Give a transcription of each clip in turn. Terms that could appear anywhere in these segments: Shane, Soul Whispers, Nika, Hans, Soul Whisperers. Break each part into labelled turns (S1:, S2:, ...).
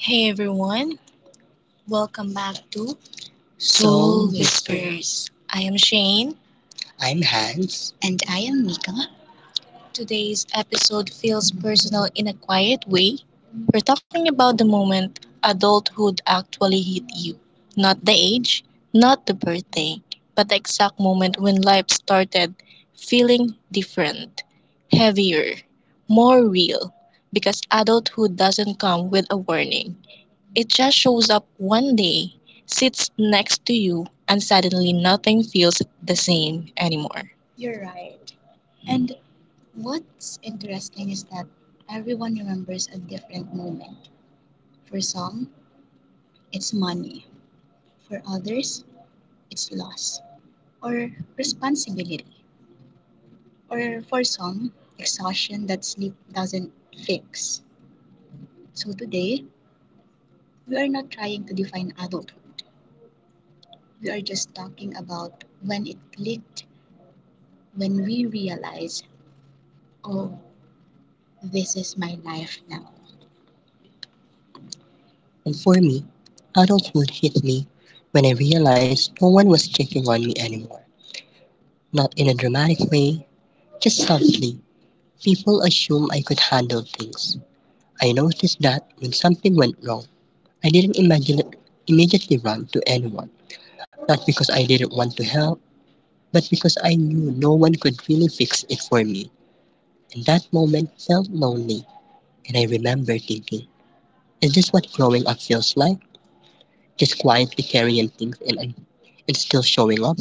S1: Hey everyone, welcome back to Soul Whispers. I am Shane. I'm Hans. And I am Mika. Today's episode feels personal in a quiet way. We're talking about the moment adulthood actually hit you. Not the age, not the birthday, but the exact moment when life started feeling different, heavier, more real. Because adulthood doesn't come with a warning, it just shows up one day, sits next to you, and suddenly nothing feels the same anymore. And for me, adulthood hit me when I realized no one was checking on me anymore. Not in a dramatic way, just softly. People assume I could handle things. I noticed that when something went wrong, I didn't imagine it immediately run to anyone. Not because I didn't want to help, but because I knew no one could really fix it for me. And that moment felt lonely, and I remember thinking, is this what growing up feels like? Just quietly carrying things and still showing up?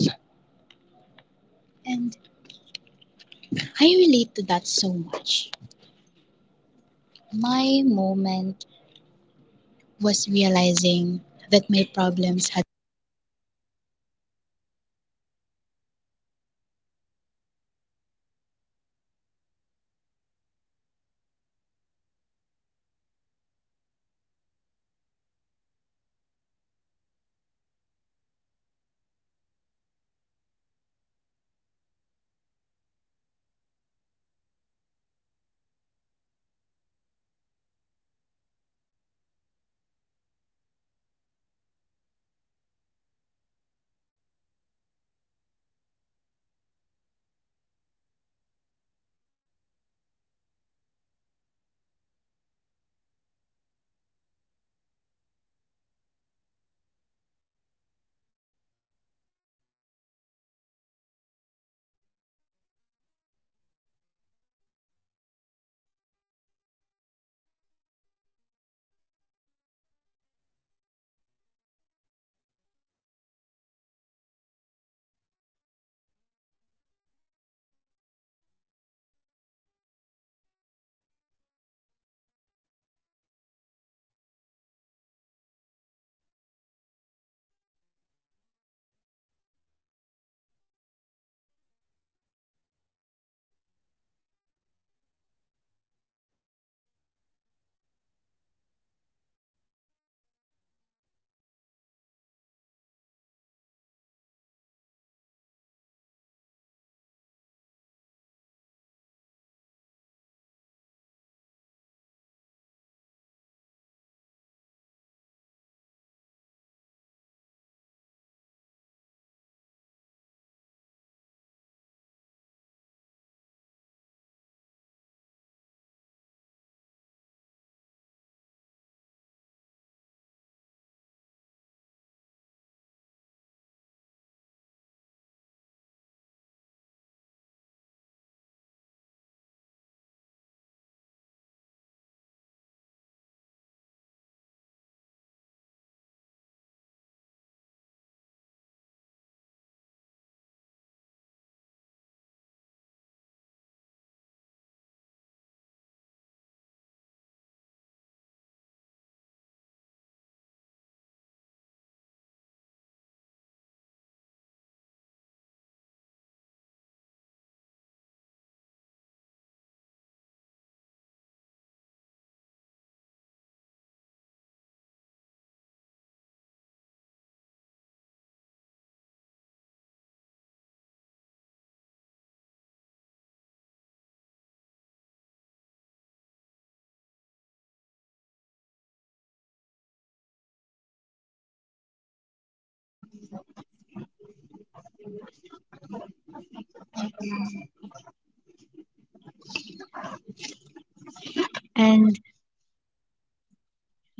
S2: And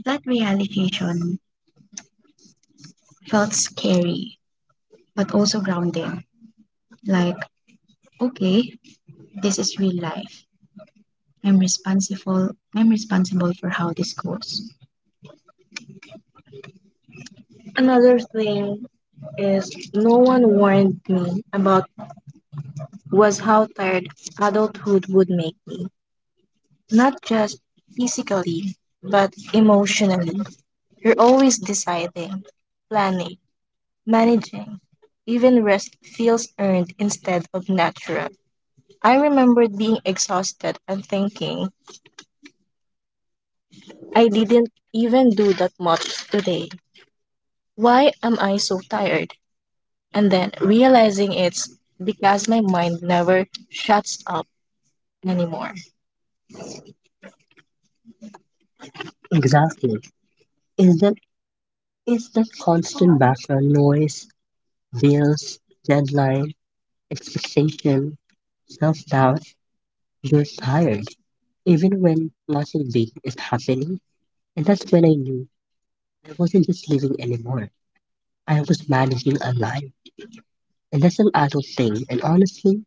S2: that realization felt scary, but also grounding. Like, okay, this is real life. I'm responsible. I'm responsible for how this goes. Another thing is no one warned me about was how tired adulthood would make me. Not just physically, but emotionally. You're always deciding, planning, managing. Even rest feels earned instead of natural. I remembered being exhausted and thinking, I didn't even do that much today. Why am I so tired? And then realizing it's because my mind never shuts up anymore. Exactly. Is that is that constant background noise, bills, deadline, expectation, self doubt, you're tired. Even when nothing big is happening. And that's when I knew I wasn't just living anymore. I was managing a life, and that's an adult thing. And honestly,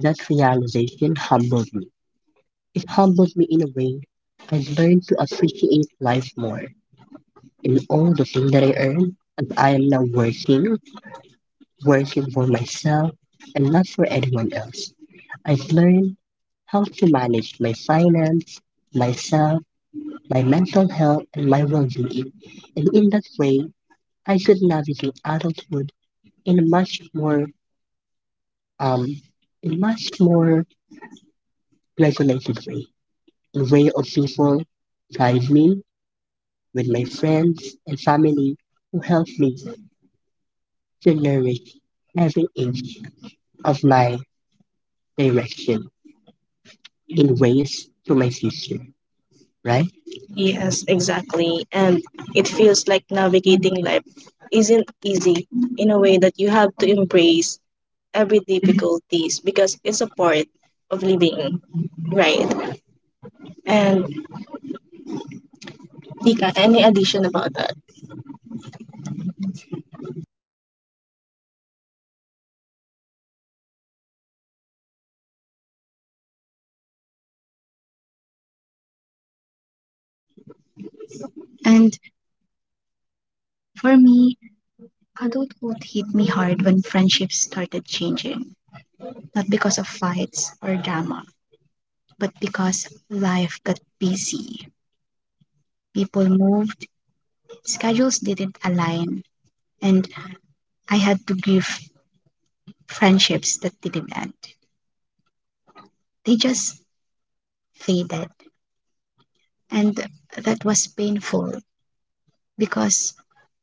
S2: that realization humbled me. It humbled me in a way. I learned to appreciate life more and all the things that I earn, as I am now working for myself and not for anyone else. I've learned how to manage my finance, myself, my mental health, and my well being. And in that way, I could navigate adulthood in a much more um, in much more regulated way, in a way of people guide me with my friends and family who help me to nourish every inch of my direction in ways to my future, right? Yes, exactly. And it feels like navigating life isn't easy in a way that you have to embrace every difficulties because it's a part of living, right? And Dika, any addition about that? And for me, adulthood hit me hard when friendships started changing. Not because of fights or drama, but because life got busy. People moved, schedules didn't align, and I had to grieve friendships that didn't end. They just faded. And that was painful because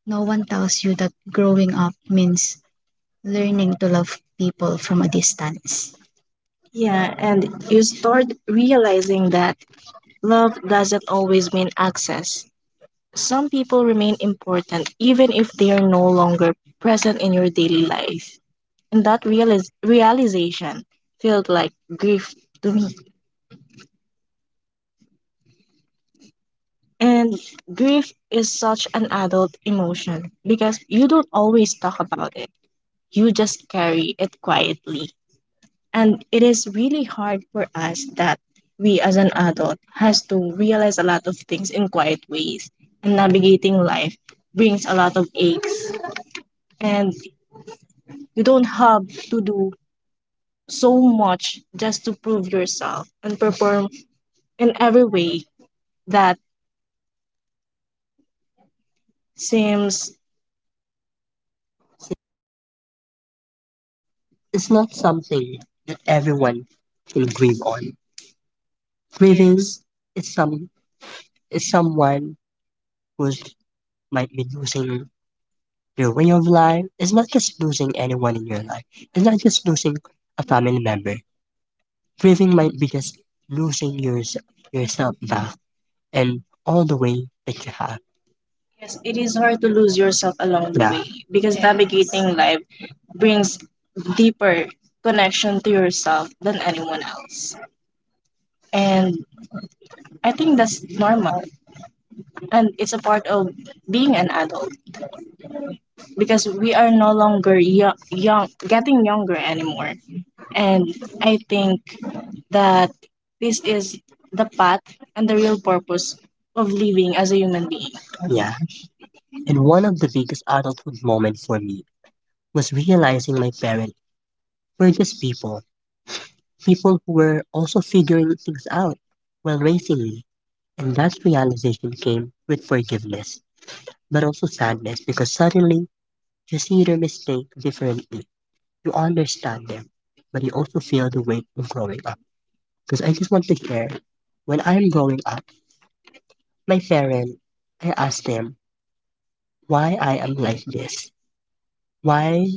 S2: no one tells you that growing up means learning to love people from a distance. Yeah, and you start realizing that love doesn't always mean access. Some people remain important even if they are no longer present in your daily life. And that realization felt like grief to me. And grief is such an adult emotion because you don't always talk about it, you just carry it quietly. And it is really hard for us that we as an adult has to realize a lot of things in quiet ways and navigating life brings a lot of aches and you don't have to do so much just to prove yourself and perform in every way that seems. It's not something that everyone can grieve on. Grieving is some is someone who might be losing your way of life is not just losing anyone in your life. It's not just losing a family member. Grieving might be just losing yourself back and all the way that you have. Yes, it is hard to lose yourself along the, yeah, way because navigating life brings deeper connection to yourself than anyone else. And I think that's normal and it's a part of being an adult because we are no longer young getting younger anymore. And I think that this is the path and the real purpose of living as a human being. Yeah, and one of the biggest adulthood moments for me was realizing my parents were just people, people who were also figuring things out while raising me. And that realization came with forgiveness, but also sadness because suddenly you see their mistake differently. You understand them, but you also feel the weight of growing up, because I just want to hear. When I am growing up, my parents, I asked them why I am like this. Why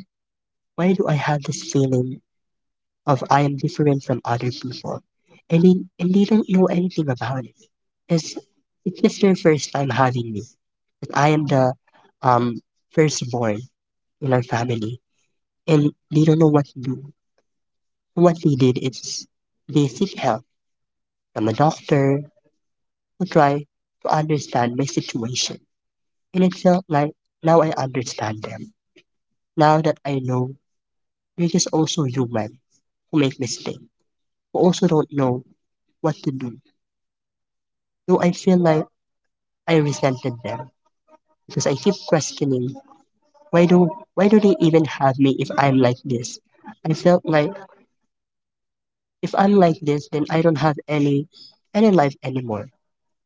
S2: why do I have this feeling of I am different from other people? And they, and they don't know anything about it. Because it's just their first time having me. But I am the um firstborn in our family. And they don't know what to do. What they did is they seek help from a doctor who try to understand my situation. And it felt like now I understand them. Now that I know they're just also human who make mistakes, who also don't know what to do. Though I feel like I resented them because I keep questioning why do why do they even have me if I'm like this? I felt like if I'm like this then I don't have any life anymore.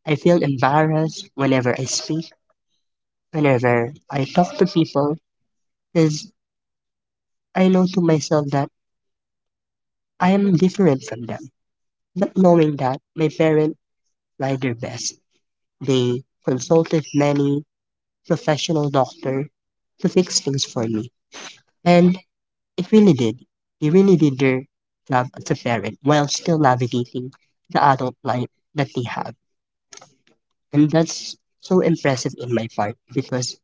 S2: I feel embarrassed whenever I speak, whenever I talk to people, because I know to myself that I am different from them. Not knowing that my parents tried their best, they consulted many professional doctors to fix things for me. And it really did. They really did their job as a parent while still navigating the adult life that they have. And that's so impressive in my part because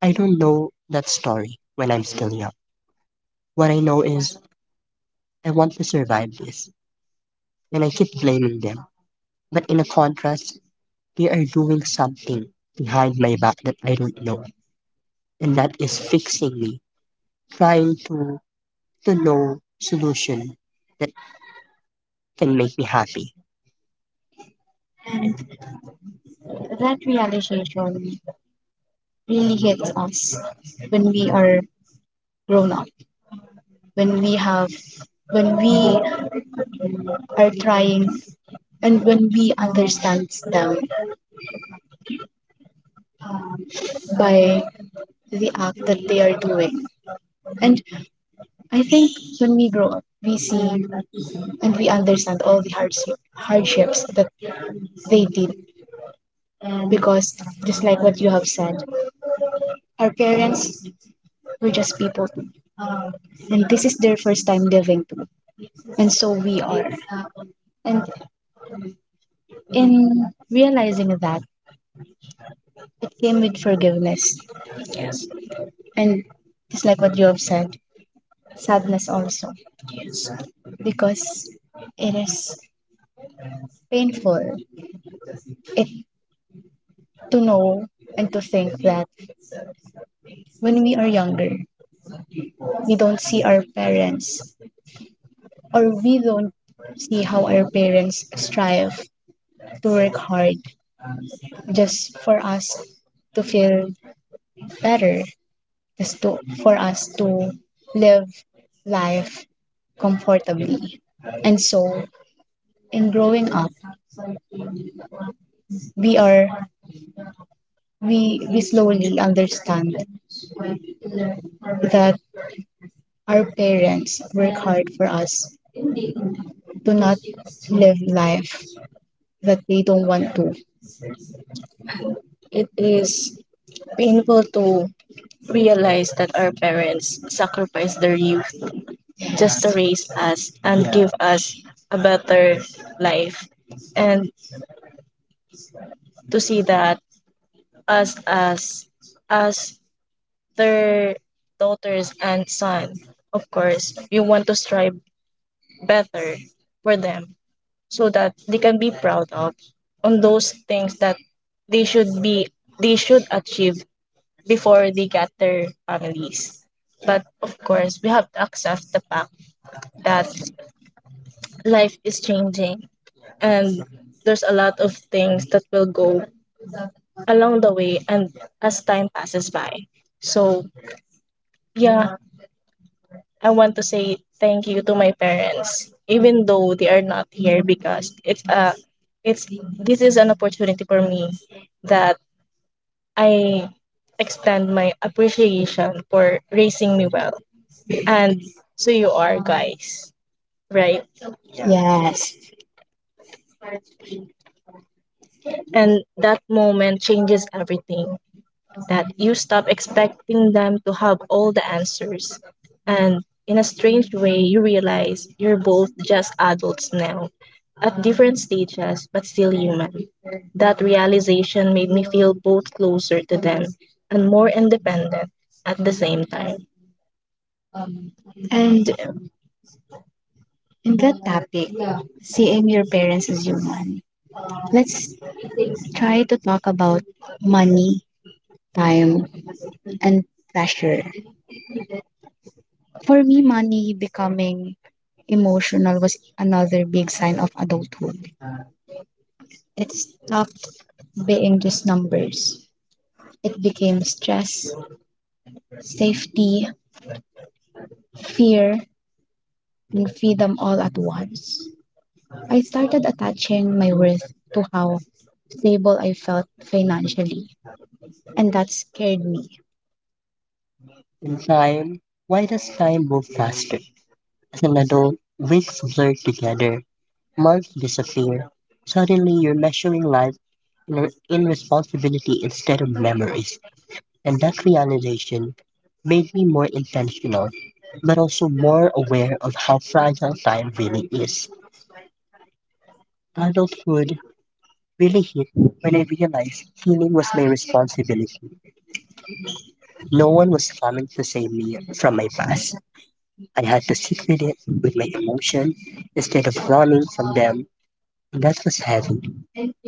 S2: I don't know that story when I'm still young. What I know is I want to survive this and I keep blaming them. But in a contrast, they are doing something behind my back that I don't know, and that is fixing me, trying to know solution that can make me happy. And that realization really hits us when we are grown up, when we have, when we are trying, and when we understand them by the act that they are doing. And I think when we grow up, we see and we understand all the hardships that they did because just like what you have said, our parents were just people too. And this is their first time living too. And so we are. And in realizing that, it came with forgiveness. And just like what you have said, sadness also. Because it is painful it, to know and to think that when we are younger, we don't see our parents or we don't see how our parents strive to work hard just for us to feel better, for us to live life comfortably. And so, in growing up, we are we slowly understand that our parents work hard for us to not live life that they don't want to. It is painful to realize that our parents sacrificed their youth just to, yes, raise us and, yeah, give us a better life. And to see that us as their daughters and son, of course, we want to strive better for them so that they can be proud of on those things that they should be they should achieve before they get their families. But of course, we have to accept the fact that life is changing and there's a lot of things that will go along the way and as time passes by. So, yeah, I want to say thank you to my parents even though they are not here because it's a it's this is an opportunity for me that I extend my appreciation for raising me well and so you are guys, right? Yes. And that moment changes everything, that you stop expecting them to have all the answers and in a strange way you realize you're both just adults now at different stages but still human. That realization made me feel both closer to them and more independent at the same time. And in that topic, seeing your parents as human, let's try to talk about money, time, and pressure. For me, money becoming emotional was another big sign of adulthood. It stopped being just numbers. It became stress, safety, fear, and freedom all at once. I started attaching my worth to how stable I felt financially, and that scared me. In time, why does time move faster? As an adult, weeks blur together, months disappear. Suddenly, you're measuring life in responsibility instead of memories, and that realization made me more intentional, but also more aware of how fragile time really is. Adulthood really hit when I realized healing was my responsibility. No one was coming to save me from my past. I had to sit with it, with my emotion, instead of running from them. That was heavy,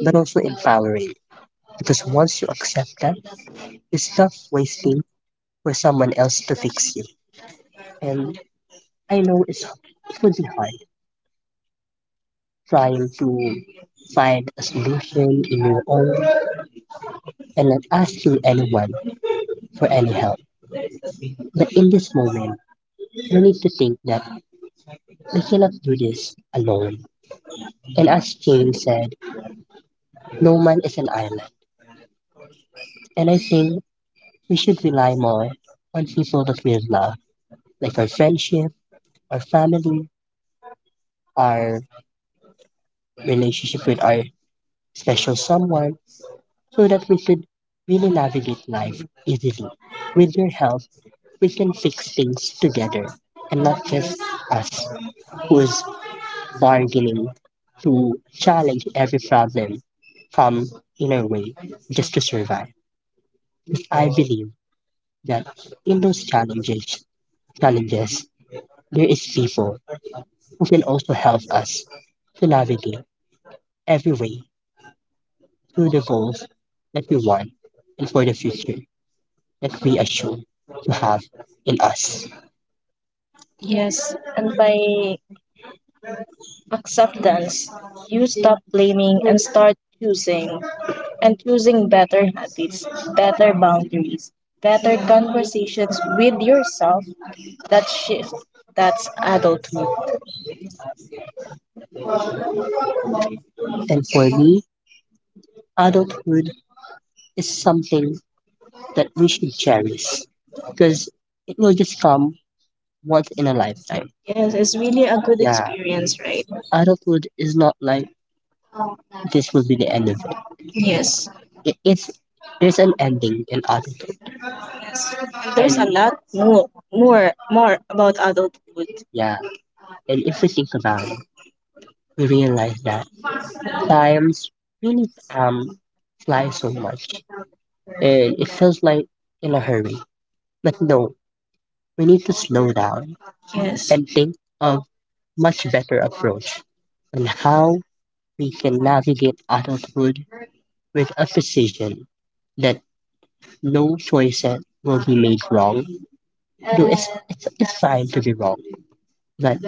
S2: but also empowering because once you accept that, you stop waiting for someone else to fix you. And I know it would be hard trying to find a solution in your own and not asking anyone for any help. But in this moment, you need to think that we cannot do this alone. And as Jane said, no man is an island. And I think we should rely more on people that we love, like our friendship, our family, our relationship with our special someone so that we could really navigate life easily. With your help, we can fix things together and not just us who is bargaining to challenge every problem from inner way just to survive. Because I believe that in those challenges there is people who can also help us to navigate every way to the goals that we want and for the future that we assume to have in us. Yes, and by acceptance, you stop blaming and start choosing and choosing better habits, better boundaries, better conversations with yourself that shift. That's adulthood. And for me, adulthood is something that we should cherish because it will just come once in a lifetime. Yes, it's really a good yeah, experience, right? Adulthood is not like this will be the end of it. Yes. It's there's an ending in adulthood, there's and a and lot more more about adulthood. Yeah, and if we think about it, we realize that times really fly so much, and it feels like in a hurry. But no, we need to slow down. Yes. And think of much better approach on how we can navigate adulthood with a precision that no choices will be made wrong. Though it's fine to be wrong, but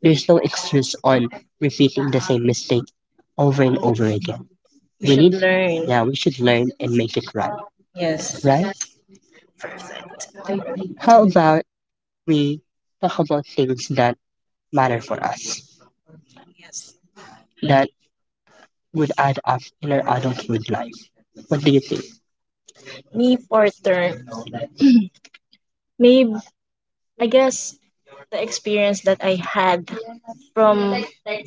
S2: there's no excuse on repeating the same mistake over and over again. We should need, learn. Yeah, we should learn and make it right. Yes, right? How about we talk about things that matter for us, yes, that would add up in our adulthood life? What do you think? Me, Porter. Maybe I guess the experience that I had from a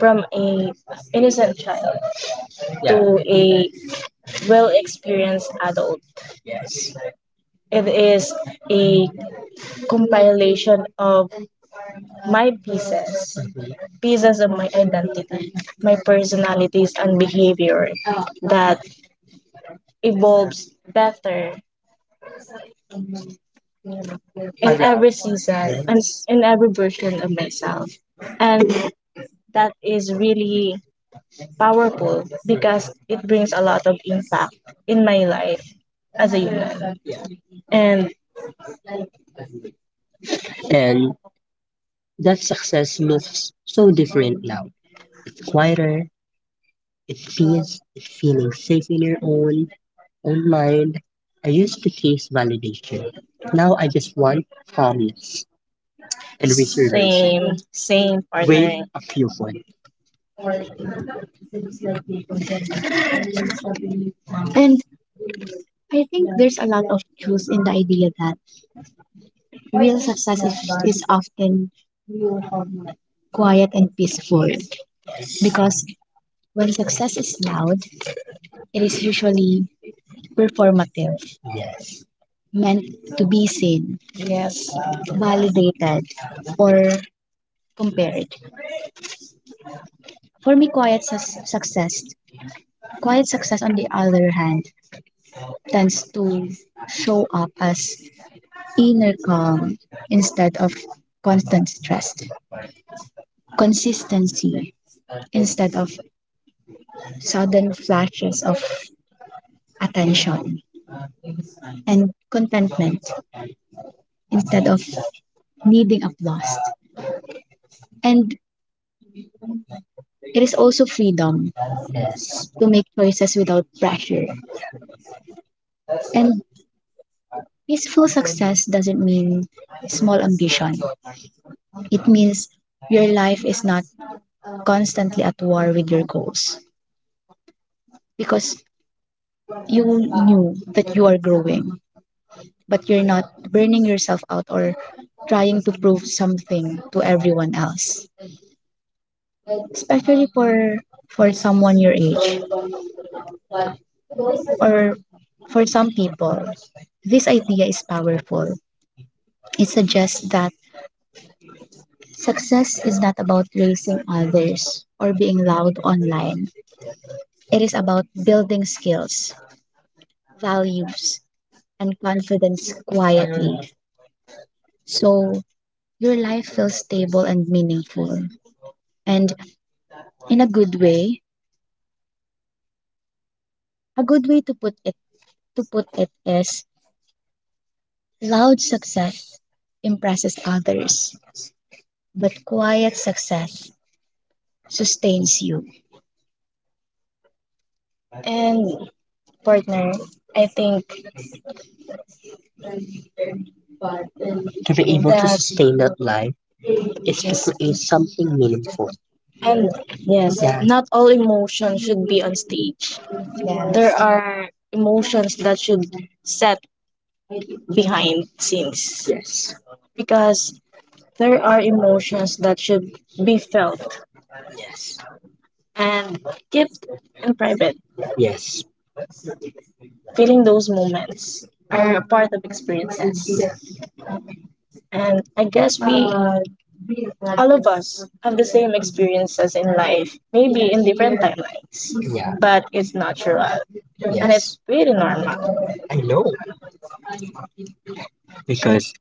S2: from a innocent child, yeah, to a well experienced adult. It is a compilation of my pieces, pieces of my identity, my personalities and behavior that evolves better in every season and in every version of myself. And that is really powerful because it brings a lot of impact in my life as a human. And And that success looks so different now. It's quieter, it's peace, it's feeling safe in your own mind. I used to chase validation. Now I just want calmness and reservation. Same, same. Wait partner. A few one. And I think there's a lot of truth in the idea that real success is often quiet and peaceful, because when success is loud, it is usually performative, meant to be seen, yes, validated, or compared. For me, success, quiet success, on the other hand, tends to show up as inner calm instead of constant stress, consistency instead of sudden flashes of attention, and contentment instead of needing applause. And it is also freedom to make choices without pressure. And peaceful success doesn't mean small ambition, it means your life is not constantly at war with your goals because you knew that you are growing but you're not burning yourself out or trying to prove something to everyone else, especially for someone your age, or for some people this idea is powerful. It suggests that success is not about raising others or being loud online, it is about building skills, values and confidence quietly so your life feels stable and meaningful and in a good way. A good way to put it is loud success impresses others, but quiet success sustains you. And partner, I think to be able to that sustain that life is to, yes, create something meaningful. And yes, yeah, not all emotions should be on stage. Yes. There yes are emotions that should set behind scenes, yes, because there are emotions that should be felt and gift in private. Yes. Feeling those moments are a part of experiences. And I guess we, all of us, have the same experiences in life, maybe in different timelines, yeah, but it's natural and, yes, it's really normal. I know, because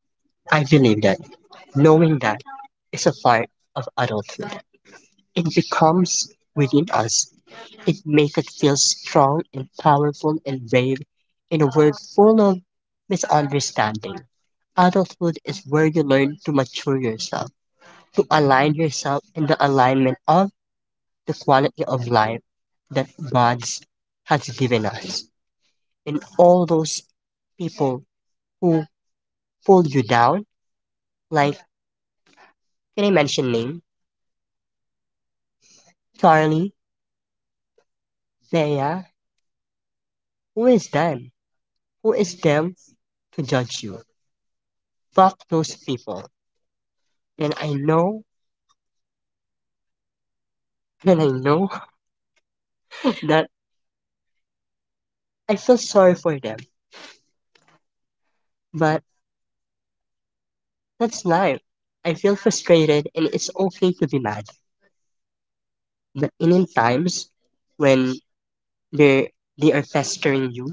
S2: I believe that knowing that is a part of adulthood. It becomes within us. It makes it feel strong and powerful and brave in a world full of misunderstanding. Adulthood is where you learn to mature yourself, to align yourself in the alignment of the quality of life that God has given us. And all those people who pull you down, like, can I mention name? Charlie, Thea, who is them? Who is them to judge you? Fuck those people. And I know and I know that I feel sorry for them, but that's life. I feel frustrated and it's okay to be mad. But in times when they they are pestering you,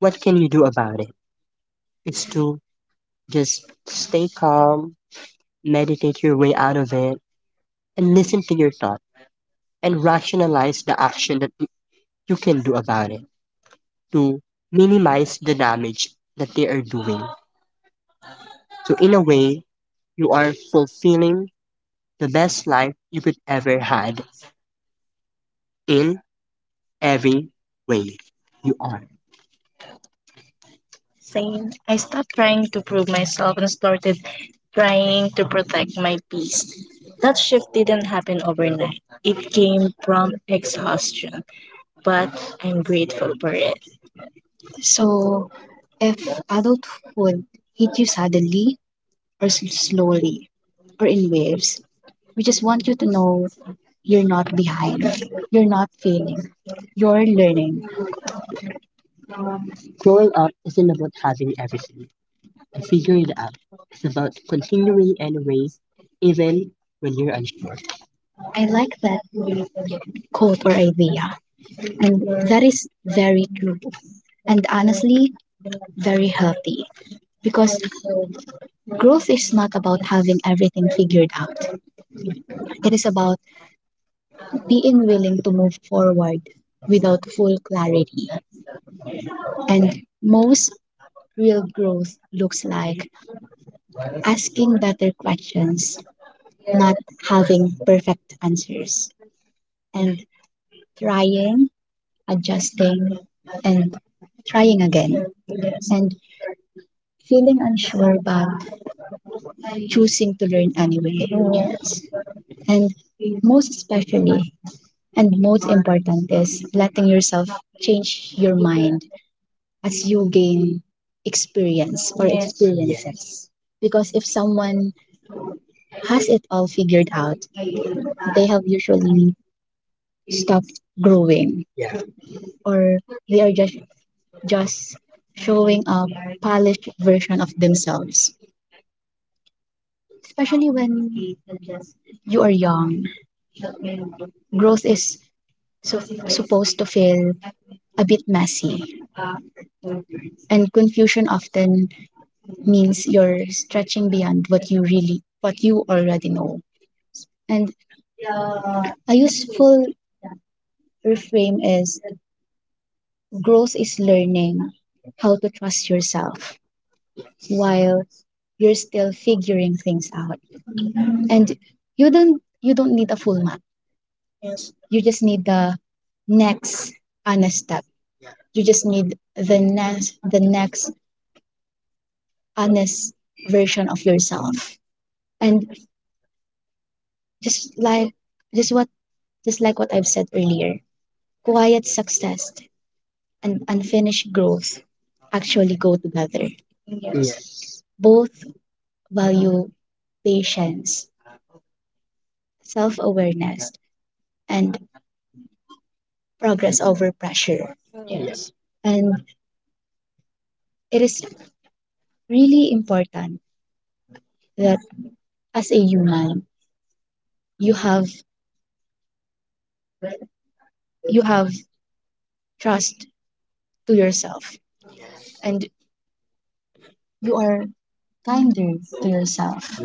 S2: what can you do about it? It's to just stay calm, meditate your way out of it, and listen to your thought and rationalize the action that you can do about it to minimize the damage that they are doing. So in a way, you are fulfilling the best life you could ever had in every way you are. Same. I stopped trying to prove myself and started trying to protect my peace. That shift didn't happen overnight. It came from exhaustion, but I'm grateful for it. So, if adulthood hit you suddenly, or slowly or in waves. We just want you to know you're not behind, you're not failing, you're learning. Growing up isn't about having everything and figuring it out. It's about continuing anyways, even when you're unsure. I like that quote or idea, and that is very true and honestly very healthy because growth is not about having everything figured out, it is about being willing to move forward without full clarity. And most real growth looks like asking better questions, not having perfect answers, and trying, adjusting, and trying again, and feeling unsure but choosing to learn anyway. Yes. And most especially, and most important is letting yourself change your mind as you gain experience or, yes, yes, experiences. Because if someone has it all figured out, they have usually stopped growing, yeah, or they are just showing a polished version of themselves. Especially when you are young, growth is so, supposed to feel a bit messy, and confusion often means you're stretching beyond what you already know. And a useful reframe is growth is learning how to trust yourself while you're still figuring things out. And you don't need a full map. You just need the next honest step. You just need the next honest version of yourself. And just like just what just like what I've said earlier, quiet success and unfinished growth actually go together. Yes. Both value patience, self awareness, and progress over pressure. Yes. And it is really important that as a human, you have you have trust to yourself and you are kinder to yourself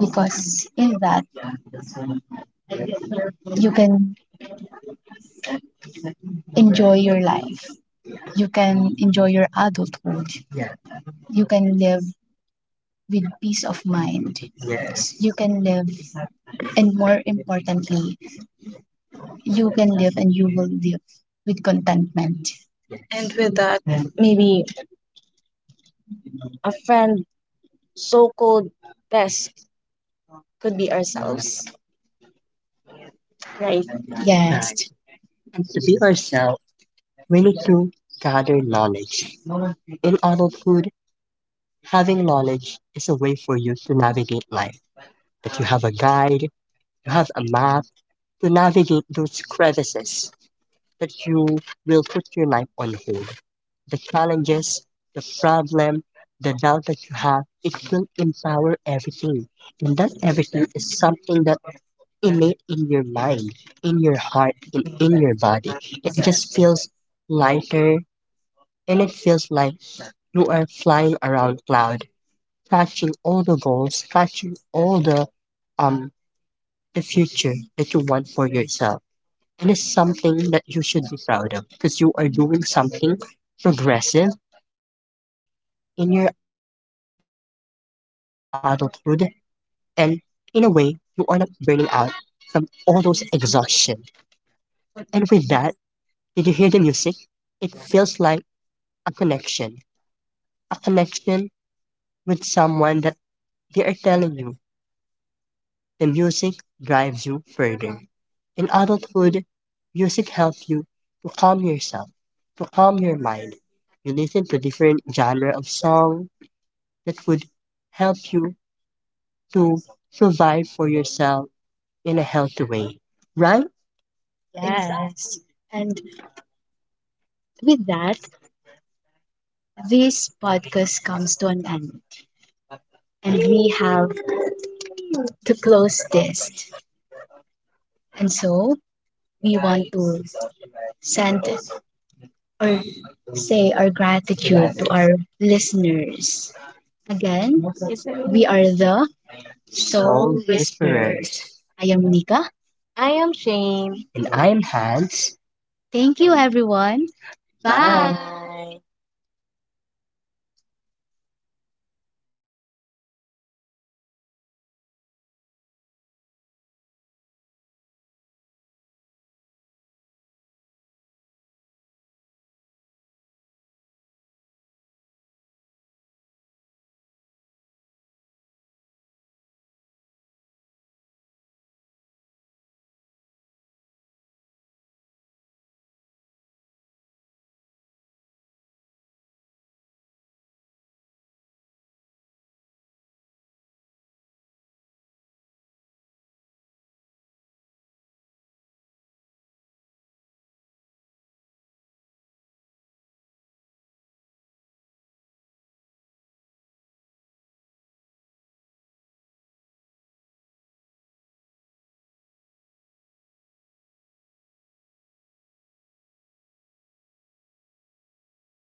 S2: because in that you can enjoy your life. You can enjoy your adulthood. Yeah, you can live with peace of mind. You can live, and more importantly, you can live and you will live with contentment. And with that, maybe a friend, so called best, could be ourselves, right? Yes. And to be ourselves, we need to gather knowledge. In adulthood, having knowledge is a way for you to navigate life. That you have a guide, you have a map to navigate those crevices that you will put your life on hold. The challenges, the problem, the doubt that you have, it will empower everything. And that everything is something that innate in your mind, in your heart, and in your body. It just feels lighter and it feels like you are flying around cloud, catching all the goals, catching all the um future that you want for yourself. And it's something that you should be proud of because you are doing something progressive in your adulthood. And in a way, you are not burning out from all those exhaustion. And with that, did you hear the music? It feels like a connection, a connection with someone that they are telling you the music drives you further. In adulthood, music helps you to calm yourself, to calm your mind. You listen to different genre of song, that would help you to provide for yourself in a healthy way, right? Yes. And with that, this podcast comes to an end. And we have to close this. And so we want to send or say our gratitude to our listeners. Again, we are the Soul Whisperers. Whisperers. I am Nika. I am Shane. And I am Hans. Thank you, everyone. Bye. Bye.